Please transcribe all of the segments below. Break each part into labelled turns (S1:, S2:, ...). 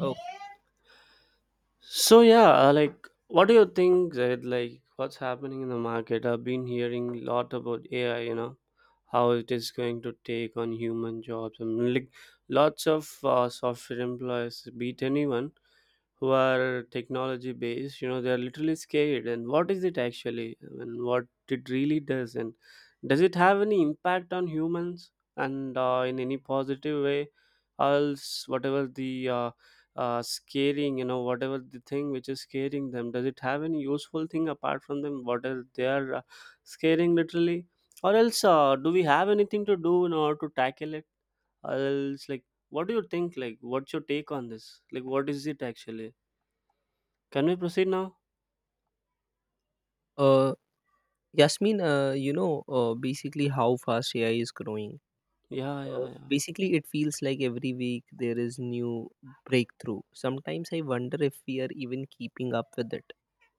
S1: Oh,
S2: So yeah, like what do you think, Zaid, like what's happening in the market? I've been hearing a lot about AI, how it is going to take on human jobs, and like lots of software employees beat anyone who are technology based, they are literally scared, and what is it actually, and what it really does, and does it have any impact on humans, and in any positive way, else whatever the scaring, whatever the thing which is scaring them, does it have any useful thing apart from them, what else they are scaring literally, or else do we have anything to do in order to tackle it, else like what do you think, like what's your take on this, like what is it actually, can we proceed now?
S1: uh, Yasmin, you know, basically how fast AI is growing.
S2: Yeah, yeah, yeah.
S1: Basically, it feels like every week there is new breakthrough. Sometimes I wonder if we are even keeping up with it.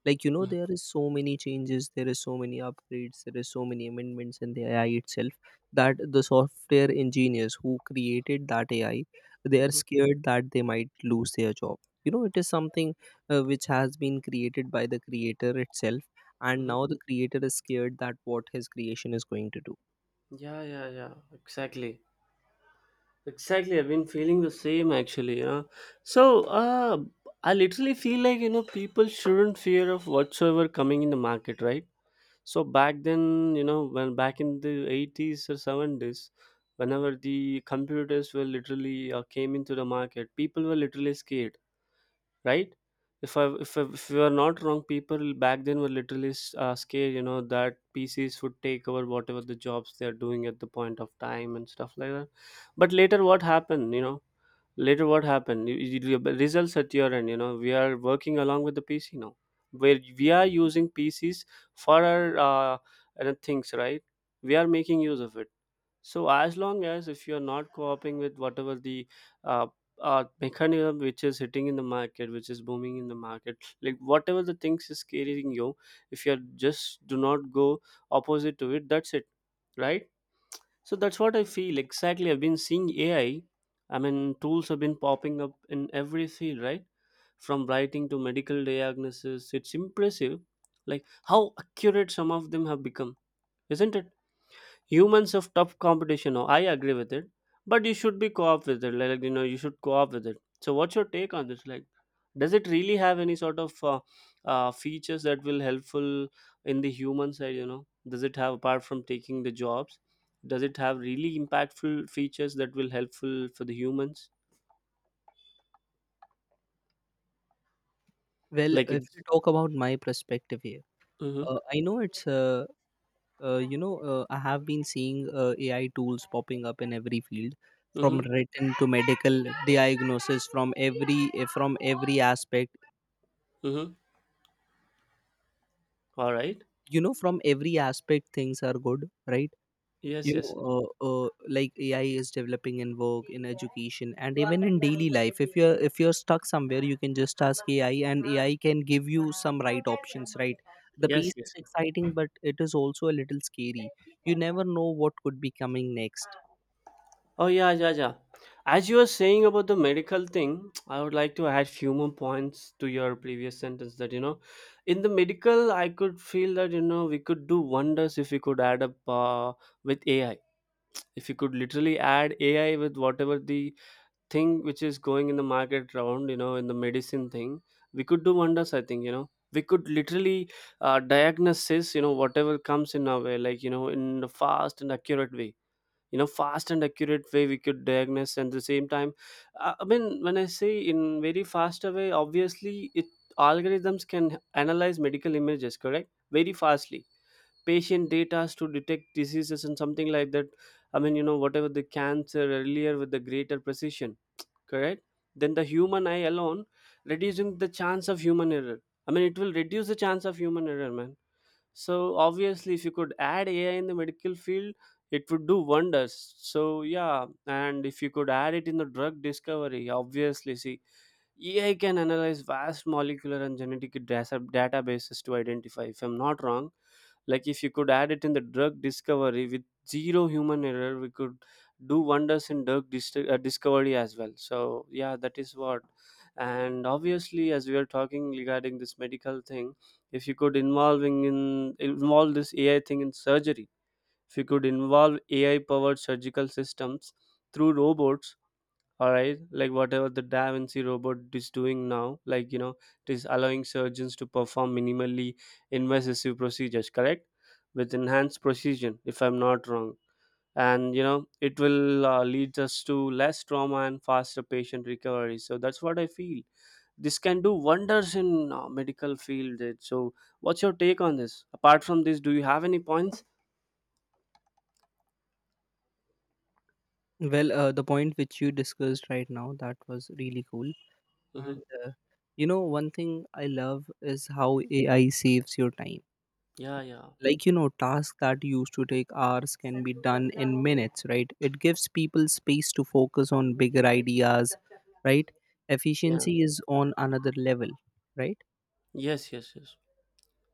S1: Like, you know,
S2: Mhm,
S1: there is so many changes, there is so many upgrades, there is so many amendments in the AI itself, that the software engineers who created that AI, they are
S2: mhm,
S1: scared that they might lose their job. You know, it is something which has been created by the creator itself, and
S2: mhm.
S1: now the creator is scared that what his creation is going to do.
S2: Yeah, yeah, yeah. Exactly. Exactly. I've been feeling the same actually. So, I literally feel like, people shouldn't fear of whatsoever coming in the market, right? So back then, when back in the 80s or 70s, whenever the computers were literally came into the market, people were literally scared, right? If we are not wrong, people back then were literally scared, that PCs would take over whatever the jobs they are doing at the point of time and stuff like that. But later what happened, later what happened? Results at your end. We are working along with the PC now, where we are using PCs for our other things, right? We are making use of it. So as long as if you're not co-oping with whatever the uh, mechanism which is hitting in the market, which is booming in the market, like whatever the things is carrying you, if you're just do not go opposite to it, that's it, right? So that's what I feel exactly. I've been seeing AI. I mean, tools have been popping up in every field, right? From writing to medical diagnosis, it's impressive, like how accurate some of them have become, isn't it? Humans of tough competition. No, I agree with it, but you should be co-op with it, like you should co-op with it. So what's your take on this, like does it really have any sort of features that will helpful in the human side, does it have, apart from taking the jobs, does it have really impactful features that will helpful for the humans,
S1: Well,
S2: like
S1: if
S2: it.
S1: you talk about my perspective here,
S2: Mm-hmm,
S1: I know it's I have been seeing AI tools popping up in every field, from
S2: mm-hmm,
S1: written to medical diagnosis, from every aspect
S2: mm-hmm. All right.
S1: you know, from every aspect things are good, right?
S2: Yes,
S1: You know,
S2: yes, yes.
S1: like AI is developing in work, in education, and even in daily life. If you're stuck somewhere, you can just ask AI and AI can give you some right options, right? The
S2: Yes,
S1: pace is
S2: yes.
S1: exciting, but it is also a little scary. You never know what could be coming next.
S2: Oh yeah, yeah, yeah. As you were saying about the medical thing, I would like to add few more points to your previous sentence, that in the medical, I could feel that we could do wonders if we could add up with AI. If you could literally add AI with whatever the thing which is going in the market round, in the medicine thing, we could do wonders. I think we could literally diagnosis, whatever comes in our way, like, in a fast and accurate way, fast and accurate way, we could diagnose. And the same time, I mean, when I say in very faster way, obviously, it algorithms can analyze medical images, correct, very fastly, patient data to detect diseases and something like that. I mean, whatever the cancer earlier with the greater precision, correct, then the human eye alone, reducing the chance of human error. I mean, it will reduce the chance of human error, man. So obviously, if you could add AI in the medical field, it would do wonders. So yeah, and if you could add it in the drug discovery, obviously, see, AI can analyze vast molecular and genetic databases to identify. If I'm not wrong, like if you could add it in the drug discovery with zero human error, we could do wonders in drug discovery as well. So yeah, that is what. And obviously, as we are talking regarding this medical thing, if you could involving in involve this AI thing in surgery. If you could involve AI powered surgical systems through robots, all right, like whatever the Da Vinci robot is doing now, like it is allowing surgeons to perform minimally invasive procedures, correct, with enhanced precision, if I'm not wrong, and it will lead us to less trauma and faster patient recovery. So that's what I feel, this can do wonders in medical field, eh. So what's your take on this, apart from this do you have any points?
S1: Well, the point which you discussed right now, that was really cool.
S2: Mm-hmm.
S1: And you know, one thing I love is how AI saves your time.
S2: Yeah, yeah,
S1: Like, you know, tasks that used to take hours can be done in minutes, right? It gives people space to focus on bigger ideas, right?
S2: yeah.
S1: Efficiency is on another level, right?
S2: Yes, yes, yes.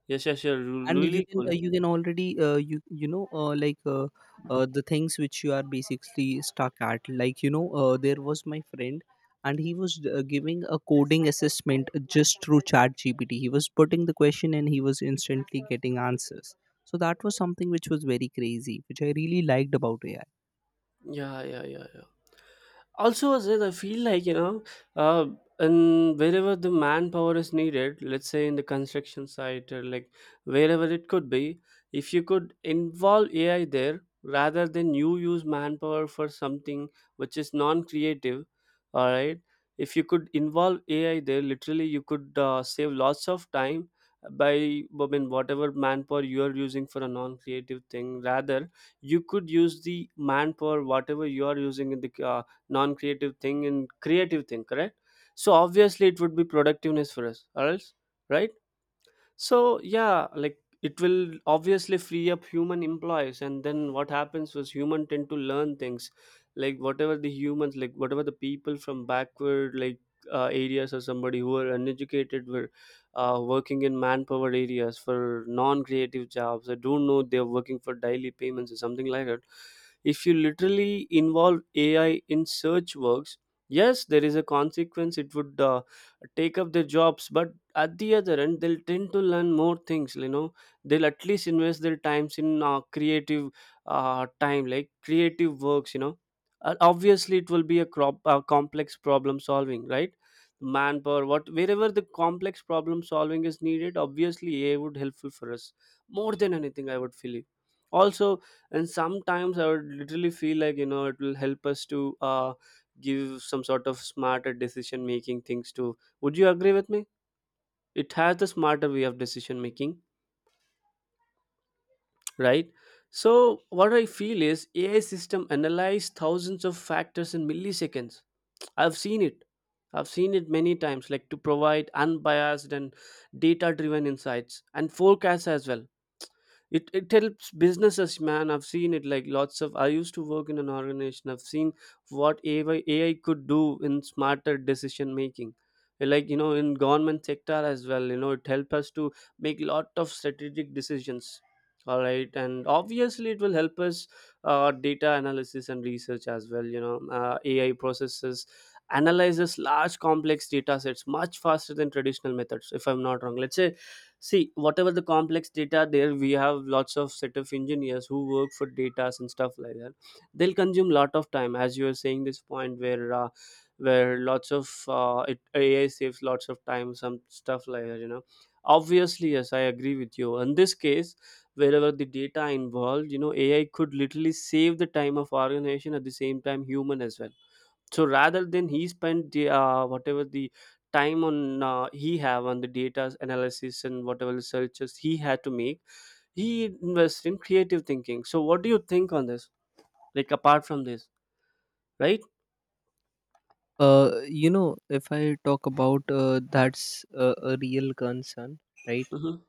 S2: Yes, yes. You're
S1: And
S2: really cool.
S1: you can already, the things which you are basically stuck at, like, you know, there was my friend and he was giving a coding assessment. Just through ChatGPT, he was putting the question and he was instantly getting answers. So that was something which was very crazy, which I really liked about AI.
S2: Yeah, yeah, yeah, yeah. Also, as well, I feel like uh, and wherever the manpower is needed, let's say in the construction site, or like wherever it could be, if you could involve AI there rather than you use manpower for something which is non-creative, all right. If you could involve AI there, literally you could save lots of time, by I mean whatever manpower you are using for a non-creative thing, rather you could use the manpower whatever you are using in the non-creative thing and creative thing, correct. So obviously it would be productiveness for us or else, right? So yeah, like it will obviously free up human employees, and then what happens was human tend to learn things, like whatever the humans, like whatever the people from backward, like areas, or somebody who are uneducated, were working in manpower areas for non-creative jobs. I don't know they're working for daily payments or something like that. If you literally involve AI in search works, yes, there is a consequence. It would take up their jobs, but at the other end they'll tend to learn more things, they'll at least invest their times in creative time, like creative works, obviously it will be a crop complex problem solving, right? Manpower, what wherever the complex problem solving is needed, obviously AI would helpful for us, more than anything I would feel it. Also, and sometimes I would literally feel like it will help us to give some sort of smarter decision making things to, would you agree with me? It has the smarter way of decision making, right? So what I feel is, AI system analyze thousands of factors in milliseconds. I've seen it i've seen it many times, like to provide unbiased and data driven insights and forecasts as well. It helps businesses, man. I've seen it, like lots of, I used to work in an organization, I've seen what AI could do in smarter decision making. Like in government sector as well, it help us to make lot of strategic decisions, all right. And obviously it will help us data analysis and research as well. AI processes, analyzes large complex data sets much faster than traditional methods, if I'm not wrong. Let's say, see, whatever the complex data there, we have lots of set of engineers who work for data and stuff like that. They'll consume lot of time, as you are saying this point where lots of AI saves lots of time, some stuff like that. Obviously, yes, I agree with you. In this case, wherever the data involved, AI could literally save the time of organization at the same time human as well. So rather than he spent the whatever the time on he have on the data analysis and whatever researches he had to make, he invests in creative thinking. So what do you think on this, like apart from this, right?
S1: uh, you know if I talk about that's a real concern, right?
S2: Mm-hmm,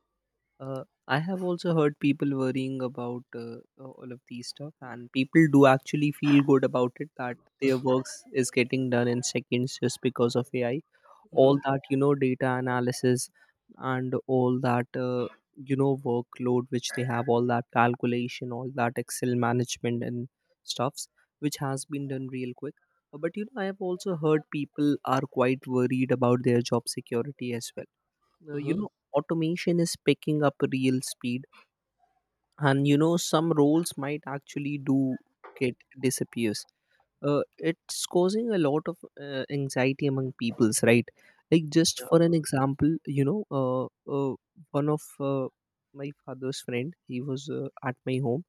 S1: I have also heard people worrying about all of these stuff, and people do actually feel good about it that their works is getting done in seconds just because of AI. All
S2: mm-hmm,
S1: that, you know, data analysis, and all that workload which they have, all that calculation, all that Excel management and stuffs, which has been done real quick. But you know, I have also heard people are quite worried about their job security as well. You
S2: mm-hmm,
S1: know, automation is picking up real speed, and you know, some roles might actually do get disappears. It's causing a lot of anxiety among peoples, right? Like, just for an
S2: yeah,
S1: example, you know, uh, one of my father's friend, he was at my home,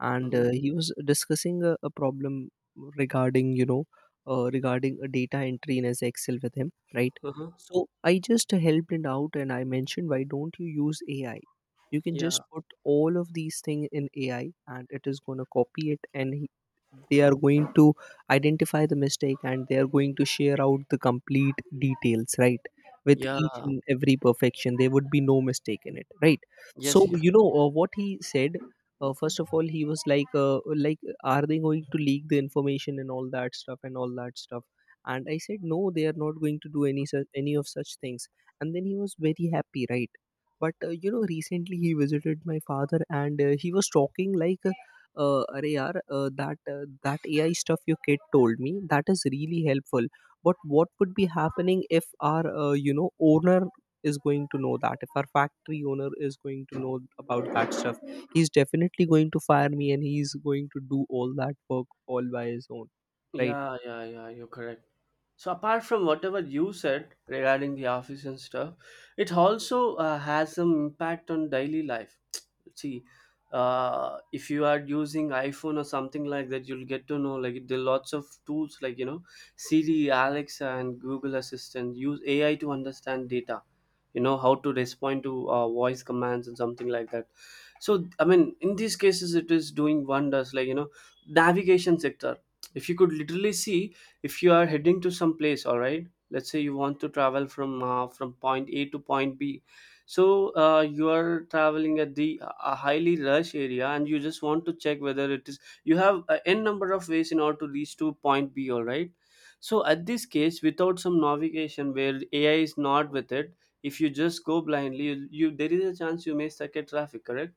S1: and
S2: mm-hmm,
S1: he was discussing a problem regarding, you know, regarding a data entry in his Excel with him, right?
S2: mm-hmm,
S1: So I just helped him out and I mentioned, why don't you use AI? You can
S2: yeah,
S1: just put all of these things in AI, and it is going to copy it, and they are going to identify the mistake and they are going to share out the complete details, right? With
S2: yeah.
S1: each and every perfection, there would be no mistake in it, right? So,
S2: Yes, yeah.
S1: you know, what he said, first of all he was like, like, are they going to leak the information and all that stuff and all that stuff? And I said no, they are not going to do any such, any of such things. And then he was very happy, right? But you know, recently he visited my father, and he was talking like, "Arey yaar, that that AI stuff your kid told me that is really helpful. But what would be happening if our owner is going to know that? If our factory owner is going to know about that stuff, he's definitely going to fire me, and he's going to do all that work all by his own, right?"
S2: Yeah, yeah, yeah, You're correct. So apart from whatever you said regarding the office and stuff, it also has some impact on daily life. See, if you are using iPhone or something like that, you'll get to know like there are lots of tools, like Siri, Alexa, and Google Assistant use AI to understand data. You know how to respond to voice commands and something like that. So I mean, in these cases, it is doing wonders. Like, navigation sector. If you could literally see if you are heading to some place, all right, let's say you want to travel from point A to point B. So you are traveling at the a highly rush area and you just want to check whether it is, you have n number of ways in order to reach to point B, all right? So at this case, without some navigation where AI is not with it, if you just go blindly, you, there is a chance you may stuck at traffic, correct?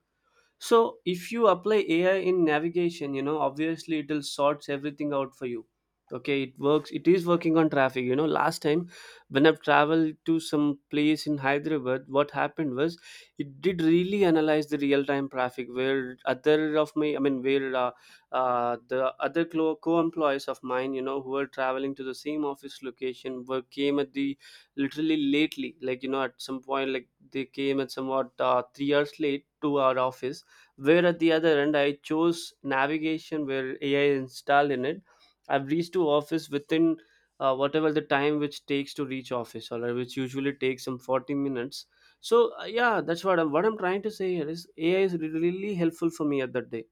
S2: So if you apply AI in navigation, you know, obviously it'll sorts everything out for you. Okay, it works. It is working on traffic. You know, last time when I've traveled to some place in Hyderabad, what happened was it did really analyze the real-time traffic where other of my, I mean, where the other co-employees of mine, you know, who were traveling to the same office location were came at the, literally lately, like, you know, at some point, like they came at somewhat 3 hours late to our office, where at the other end I chose navigation where AI installed in it. I've reached to office within whatever the time which takes to reach office, or which usually takes some 40 minutes. So yeah, that's what what I'm trying to say here is AI is really really helpful for me at that day.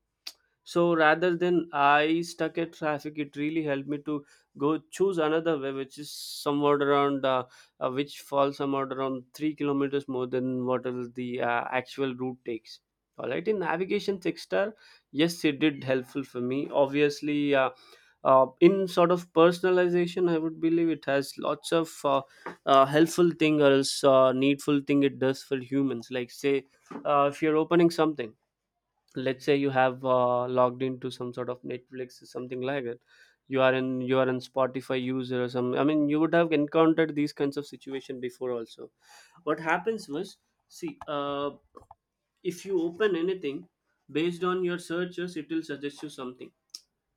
S2: So rather than I stuck at traffic, it really helped me to go choose another way, which is somewhat around, which falls somewhat around 3 kilometers more than what is the actual route takes. All right, in navigation six-star, yes, it did helpful for me. Obviously, in sort of personalization, I would believe it has lots of helpful thing or else needful thing it does for humans. Like say, if you're opening something, let's say you have logged into some sort of Netflix or something like it. You are in Spotify user or some, I mean, you would have encountered these kinds of situation before also. What happens was, see, if you open anything, based on your searches it will suggest you something,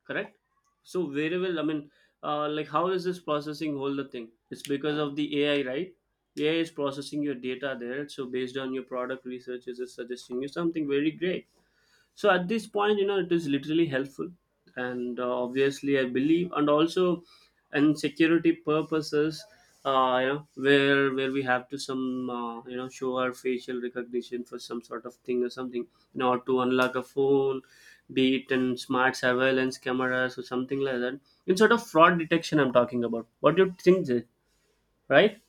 S2: correct? So variable, I mean, like how is this processing whole the thing, it's because of the AI, right? AI is processing your data there, so based on your product researches is suggesting you something very great. So at this point, you know, it is literally helpful. And obviously I believe, and also, in security purposes, you know, where we have to some you know, show our facial recognition for some sort of thing or something, you know, to unlock a phone, be it in smart surveillance cameras or something like that, in sort of fraud detection I'm talking about. What do you think, Jay? Right,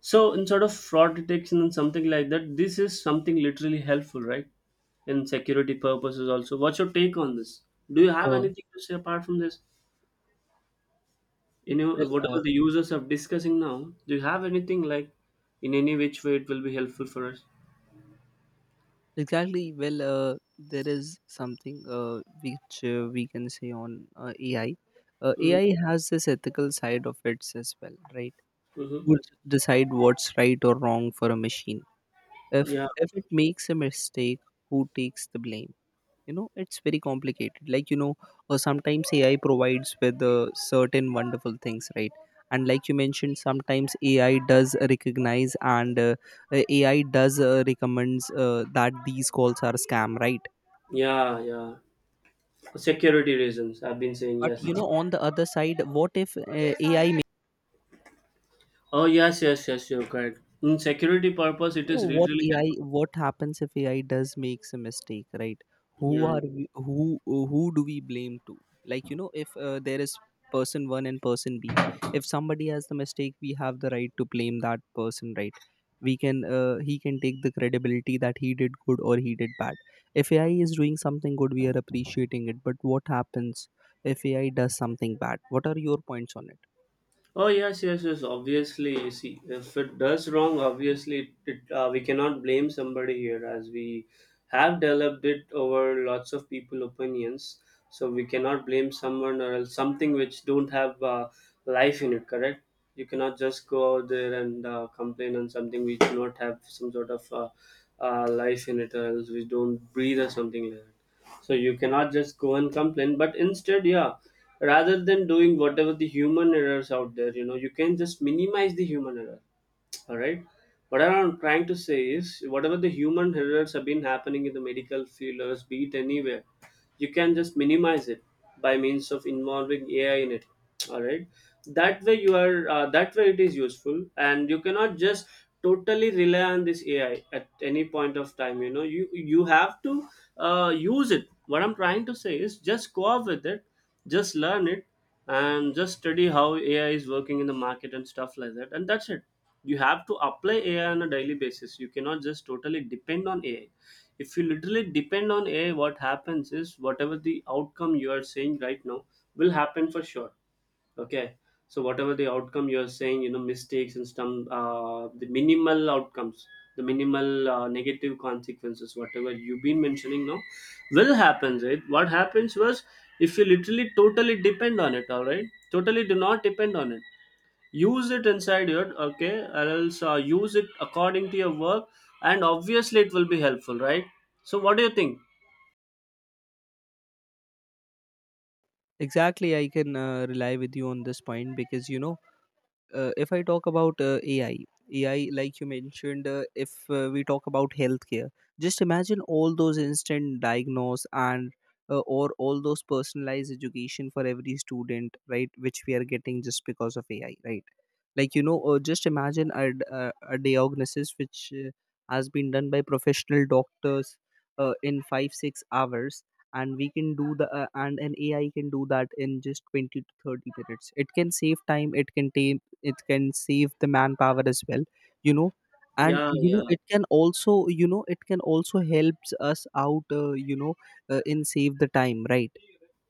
S2: so instead of fraud detection and something like that, this is something literally helpful, right? In security purposes also. What's your take on this? Do you have
S1: Uh,
S2: anything to say apart from this? You know,
S1: well,
S2: whatever the users are discussing now, do you have anything like in any which way it will be helpful for us?
S1: Exactly. Well, there is something which we can say on AI.
S2: Mm-hmm.
S1: AI has this ethical side of it as well, right?
S2: Mm-hmm.
S1: Would decide what's right or wrong for a machine. If
S2: Yeah,
S1: if it makes a mistake, who takes the blame? You know, it's very complicated. Like, you know, sometimes AI provides with certain wonderful things, right? And like you mentioned, sometimes AI does recognize, and AI does recommends that these calls are scam, right?
S2: yeah, yeah. For security reasons, I've been saying
S1: But
S2: yes.
S1: you know, on the other side, what if ai
S2: Oh yes, yes, yes. You're correct. In security purpose,
S1: you
S2: it
S1: know
S2: is
S1: what
S2: literally
S1: ai what happens if AI does makes a mistake, right? who
S2: helpful. Yeah.
S1: are we, who who do we blame to? Like, you know, if there is person 1 and person b, if somebody has the mistake, we have the right to blame that person, right? we can He can take the credibility that he did good or he did bad. If AI is doing something good, we are appreciating it, but what happens if AI does something bad? What are your points on it?
S2: Oh yes, yes, yes. Obviously, see, if it does wrong, obviously it, we cannot blame somebody here, as we have developed it over lots of people opinions. So we cannot blame someone or else something which don't have life in it, correct? You cannot just go out there and complain on something which do not have some sort of life in it, or else which don't breathe or something like that. So you cannot just go and complain, but instead, yeah, rather than doing whatever the human errors out there, you know, you can just minimize the human error, all right? What I'm trying to say is whatever the human errors have been happening in the medical field, or else be it anywhere, you can just minimize it by means of involving AI in it, all right? That way you are, that way it is useful, and you cannot just totally rely on this AI at any point of time. You know, you have to use it. What I'm trying to say is just go off with it, just learn it, and just study how AI is working in the market and stuff like that. And that's it. You have to apply AI on a daily basis. You cannot just totally depend on AI. If you literally depend on AI, what happens is whatever the outcome you are saying right now will happen for sure. Okay. So whatever the outcome you are saying, you know, mistakes, and some the minimal outcomes, the minimal negative consequences, whatever you've been mentioning now, will happen, right? What happens was if you literally totally depend on it, all right, totally do not depend on it. Use it inside your okay, or else use it according to your work, and obviously it will be helpful, right? So what do you think?
S1: Exactly, I can rely with you on this point, because you know, if I talk about AI, like you mentioned, if we talk about healthcare, just imagine all those instant diagnose and or all those personalized education for every student, right? Which we are getting just because of AI, right? Like, you know, just imagine a diagnosis which has been done by professional doctors in 5 6 hours, and an AI can do that in just 20 to 30 minutes. It can save time. It can save the manpower as well. You know, and
S2: Yeah,
S1: you know,
S2: yeah,
S1: it can also helps us out, you know, in save the time, right?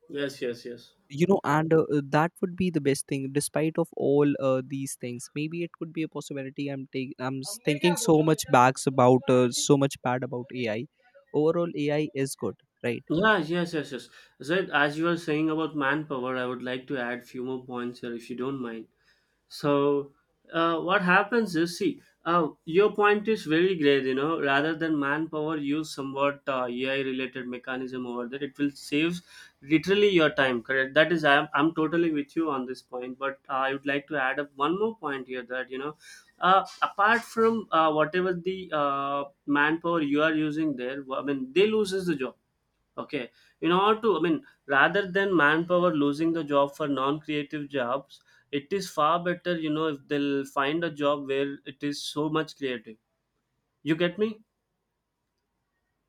S2: yes, yes, yes.
S1: You know, and that would be the best thing. Despite of all these things, maybe it could be a possibility. I'm taking I'm s- thinking so much bags about so much bad about AI. Overall AI is good, right?
S2: Yeah, yes, yes, yes. So as you were saying about manpower, I would like to add few more points here if you don't mind. So what happens is, see, your point is very great, you know, rather than manpower, use somewhat AI related mechanism over there. It will save literally your time, correct? That is, I'm totally with you on this point, but I would like to add up one more point here that, you know, apart from whatever the manpower you are using there, I mean, they loses the job. Okay, in order to, I mean, rather than manpower losing the job for non-creative jobs, it is far better, you know, if they'll find a job where it is so much creative. You get me?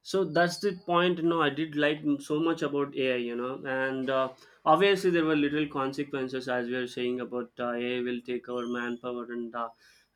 S2: So that's the point. You know, I did like so much about AI, you know, and obviously there were little consequences, as we are saying about, AI will take over manpower, and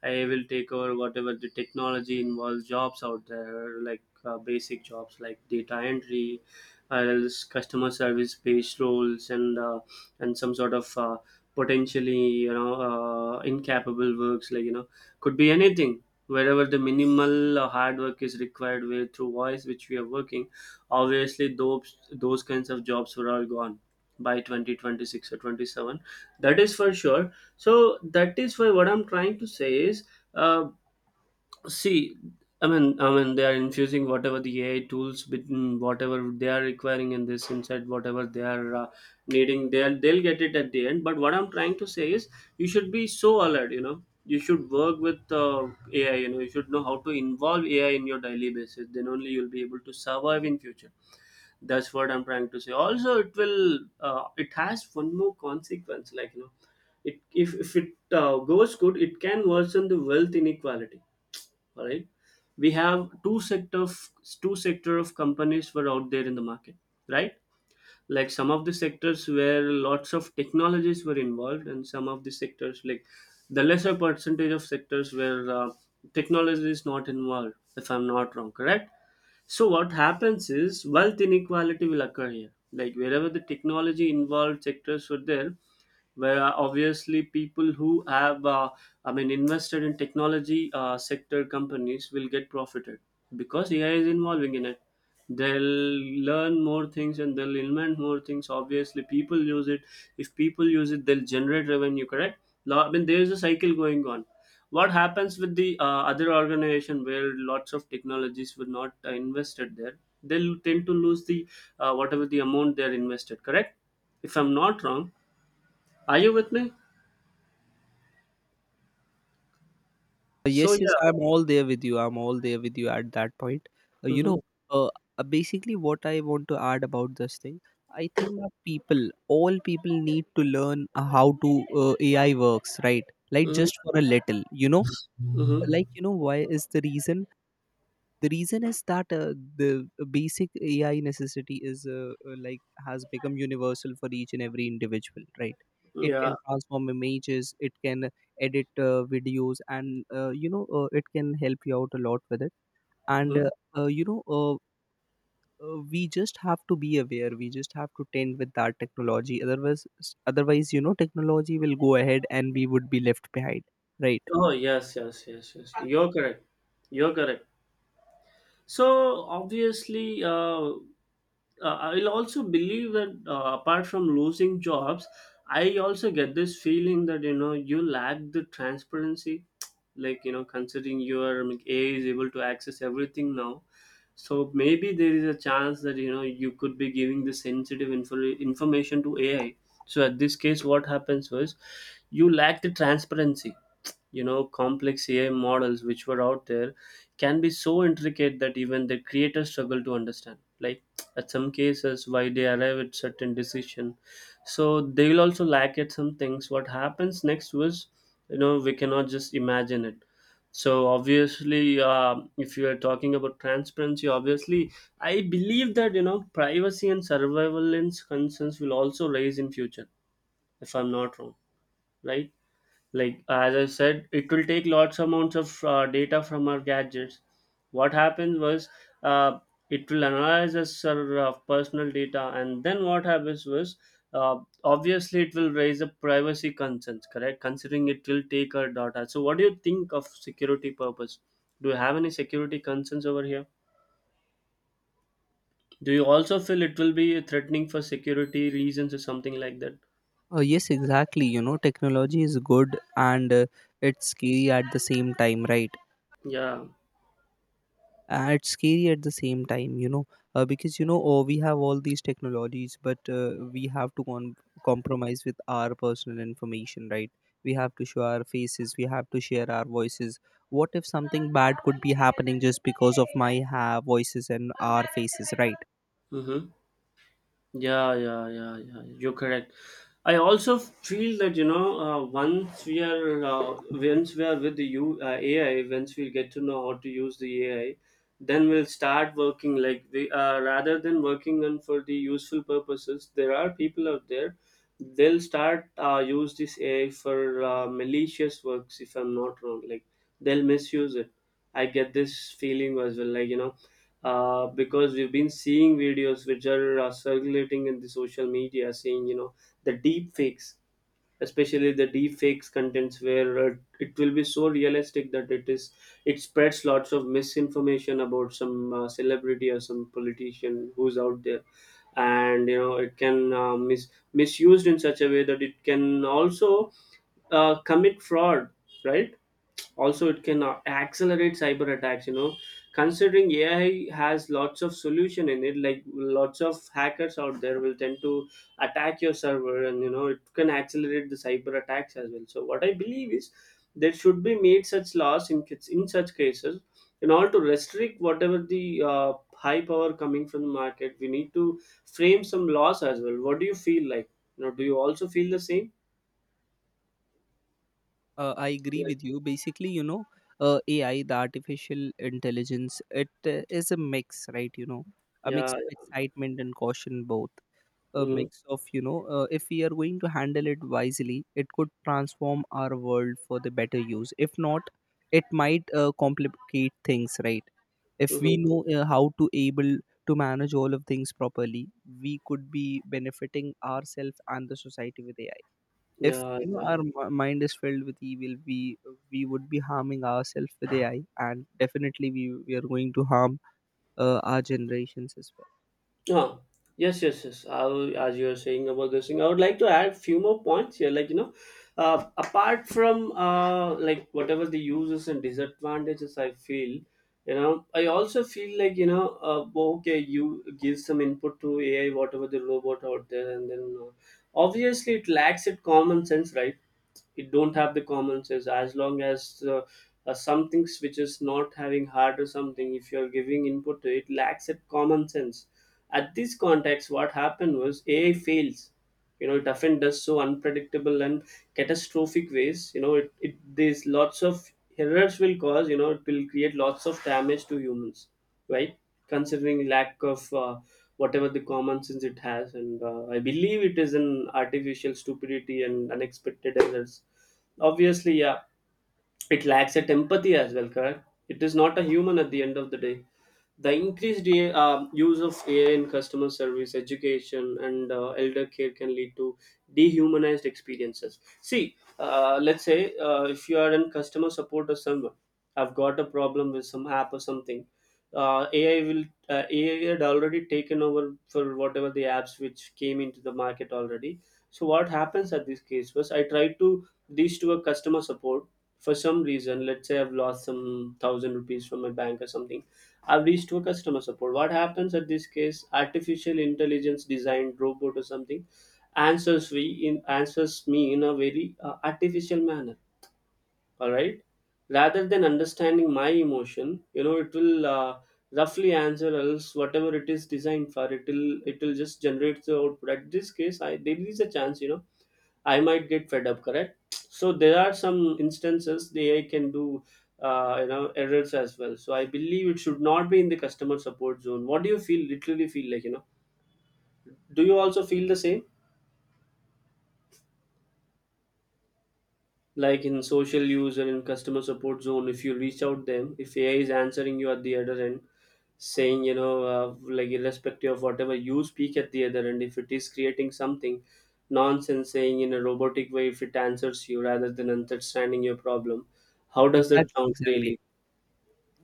S2: AI will take over whatever the technology involved jobs out there, like basic jobs like data entry or else customer service based roles, and some sort of potentially, you know, incapable works, like, you know, could be anything, wherever the minimal hard work is required way through voice which we are working. Obviously those kinds of jobs were all gone by 2026 or 27. That is for sure. So that is why what I'm trying to say is, uh, see, I mean, they are infusing whatever the AI tools, between whatever they are requiring in this inside, whatever they are needing, they'll get it at the end. But what I'm trying to say is, you should be so alert. You know, you should work with AI. You know, you should know how to involve AI in your daily basis. Then only you'll be able to survive in future. That's what I'm trying to say. Also, it will, it has one more consequence. Like, you know, it if it goes good, it can worsen the wealth inequality, all right? We have two sector of, two sector of companies were out there in the market, right? Like some of the sectors where lots of technologies were involved, and some of the sectors like the lesser percentage of sectors where technology is not involved, if I'm not wrong, correct? So what happens is wealth inequality will occur here. Like wherever the technology involved sectors were there, where obviously people who have, I mean, invested in technology sector companies will get profited because AI is involving in it. They'll learn more things and they'll invent more things. Obviously, people use it. If people use it, they'll generate revenue, correct? Now, I mean, there is a cycle going on. What happens with the other organization where lots of technologies were not invested there, they'll tend to lose the whatever the amount they're invested, correct, if I'm not wrong? Are you with me? So
S1: Yes, yes,
S2: yeah.
S1: I'm all there with you. I'm all there with you at that point. Uh, you
S2: Mm-hmm,
S1: know, uh, Basically, what I want to add about this thing, I think that people, all people need to learn how to AI works, right? Like,
S2: mm-hmm,
S1: just for a little, you know, like,
S2: mm-hmm.
S1: you know, why is the reason is that the basic AI necessity is like has become universal for each and every individual, right? It
S2: Yeah.
S1: can transform images, it can edit videos, and you know, it can help you out a lot with it. And
S2: Hmm.
S1: uh, you know uh, we just have to be aware, we just have to tend with that technology. Otherwise, you know, technology will go ahead and we would be left behind, right?
S2: Oh yes, yes, yes, yes, you're correct. You're correct. So obviously, I'll also believe that apart from losing jobs, I also get this feeling that you know you lack the transparency. Like you know, considering your like, AI is able to access everything now, so maybe there is a chance that you know you could be giving the sensitive information to AI. So at this case, what happens was, you lack the transparency. Complex AI models which were out there can be so intricate that even the creators struggle to understand, like, at some cases why they arrive at certain decision. So they will also lack at some things. What happens next was, we cannot just imagine it. So obviously, if you are talking about transparency, obviously I believe that privacy and surveillance concerns will also raise in future, if I'm not wrong, right? Like, as I said, it will take lots amounts of data from our gadgets. What happened was, uh, it will analyze us, our personal data, and then what happens was, uh, obviously it will raise up privacy concerns, correct? Considering it will take our data, so what do you think of security purpose? Do you have any security concerns over here? Do you also feel it will be threatening for security reasons or something like that?
S1: Oh, yes, exactly. You know, technology is good, and it's scary at the same time, right?
S2: Yeah.
S1: It's scary at the same time, you know, because you know, oh, we have all these technologies, but we have to compromise with our personal information, right? We have to show our faces, we have to share our voices. What if something bad could be happening just because of my voices and our faces, right?
S2: Mm-hmm. Yeah, yeah, yeah, yeah. You're correct. I also feel that, once we are, with the AI. Once we get to know how to use the AI, then we'll start working like the rather than working on for the useful purposes. There are people out there, they'll start use this AI for malicious works, if I'm not wrong. Like, they'll misuse it. I get this feeling as well, like, because we've been seeing videos which are circulating in the social media saying, the deep fakes. Especially the deep fakes contents where it will be so realistic that it spreads lots of misinformation about some celebrity or some politician who's out there. And you know it can misused in such a way that it can also commit fraud, right? Also it can accelerate cyber attacks, you know, considering AI has lots of solution in it. Like, lots of hackers out there will tend to attack your server, and you know it can accelerate the cyber attacks as well. So what I believe is there should be made such laws in such cases, in order to restrict whatever the high power coming from the market. We need to frame some laws as well. What do you feel like, you know? Do you also feel the same?
S1: I agree
S2: Yeah,
S1: with you. Basically, you know, AI, the artificial intelligence, it is a mix, right? You know, a mix
S2: yeah,
S1: of
S2: yeah.
S1: excitement and caution, both. A
S2: Mhm.
S1: mix of, you know, if we are going to handle it wisely, it could transform our world for the better use. If not, it might complicate things, right? If we
S2: Mhm.
S1: know how to able to manage all of things properly, we could be benefiting ourselves and the society with AI. If
S2: Yeah,
S1: you know, our
S2: yeah.
S1: mind is filled with evil, we would be harming ourselves with AI, and definitely we are going to harm our generations as well.
S2: Ah, yes, yes, yes. As you are saying about this thing, I would like to add few more points here. Like, apart from like, whatever the uses and disadvantages, I feel, I also feel like, oh, okay, you give some input to AI, whatever the robot out there, and then obviously it lacks it common sense, right? It don't have the common sense as long as, some things which is not having heart or something, if you're giving input to it, lacks it common sense. At this context, what happened was, AI fails. You know, it often does so unpredictable and catastrophic ways. You know, it there's lots of errors will cause. You know, it will create lots of damage to humans, right? Considering lack of whatever the common sense it has, and I believe it is an artificial stupidity and unexpected errors. Obviously, yeah, it lacks at empathy as well, correct? It is not a human at the end of the day. The increased AI, use of AI in customer service, education, and elder care can lead to dehumanized experiences. See, let's say, if you are in customer support or someone, I've got a problem with some app or something. AI will AI had already taken over for whatever the apps which came into the market already. So what happens at this case was, I tried to reach to a customer support for some reason. Let's say I've lost some thousand rupees from my bank or something. I've reached to a customer support. What happens at this case, artificial intelligence designed robot or something answers we answers me in a very artificial manner, all right? Rather than understanding my emotion, you know it will roughly answer, else whatever it is designed for, it will just generate the output. At this case, I there is a chance, you know, I might get fed up, correct? So there are some instances the AI can do, errors as well. So I believe it should not be in the customer support zone. What do you feel? Literally feel like, you know. Do you also feel the same? Like, in social use or in customer support zone, if you reach out them, if AI is answering you at the other end saying, like, irrespective of whatever you speak at the other end, if it is creating something nonsense, saying in a robotic way, if it answers you rather than understanding your problem, how does that
S1: Exactly,
S2: sound
S1: exactly.
S2: really?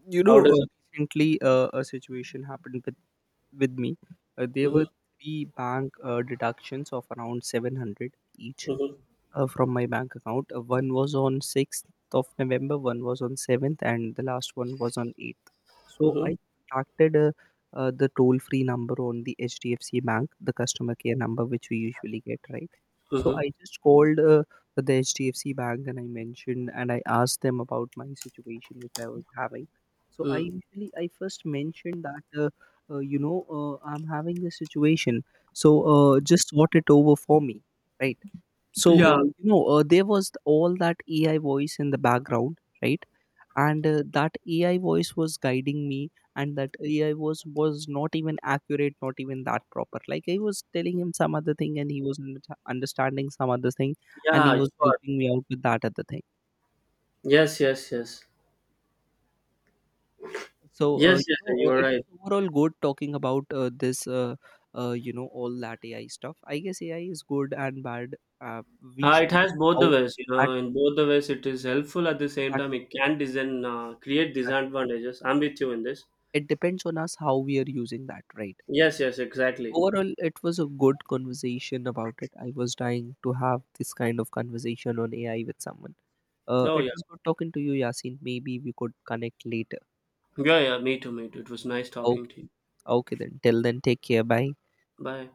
S1: You
S2: How
S1: know,
S2: does it?
S1: recently a situation happened with me. There
S2: Mm-hmm,
S1: were three bank deductions of around 700 each.
S2: mm-hmm,
S1: From my bank account. One was on 6th of November, one was on 7th, and the last one was on 8th. So I contacted the toll free number on the HDFC bank, the customer care number which we usually get, right? So I
S2: mm-hmm,
S1: just called the HDFC bank and I mentioned and I asked them about my situation which I was having. So I
S2: mm-hmm.
S1: usually I first mentioned that uh, you know I'm having this situation. So just sort it over for me, right? So
S2: Yeah,
S1: you know, there was all that AI voice in the background, right? And that AI voice was guiding me, and that AI was not even accurate, not even that proper. Like, I was telling him some other thing and he was not understanding some other thing, and he
S2: yeah,
S1: was
S2: sure.
S1: helping me out with that other thing.
S2: Yes, yes, yes,
S1: So
S2: yes.
S1: you
S2: Yes,
S1: know,
S2: yes, you're
S1: it
S2: right.
S1: was overall good talking about this all that AI stuff. I guess AI is good and bad. Uh, we should
S2: It has both
S1: how
S2: the ways, you
S1: at
S2: know. In both the ways, it is helpful. At the same time,
S1: Exactly,
S2: it can create disadvantages. I'm with you in this.
S1: it depends on us how we are using that, right?
S2: Yes, yes, exactly.
S1: Overall it was a good conversation about it. I was dying to have this kind of conversation on AI with someone.
S2: Oh
S1: It
S2: yeah,
S1: was good talking to you, Yasin. Maybe we could connect later.
S2: yeah, yeah. Me too, me too. It was nice talking
S1: Okay.
S2: to you.
S1: Okay, then till then, take care, bye.
S2: Bye.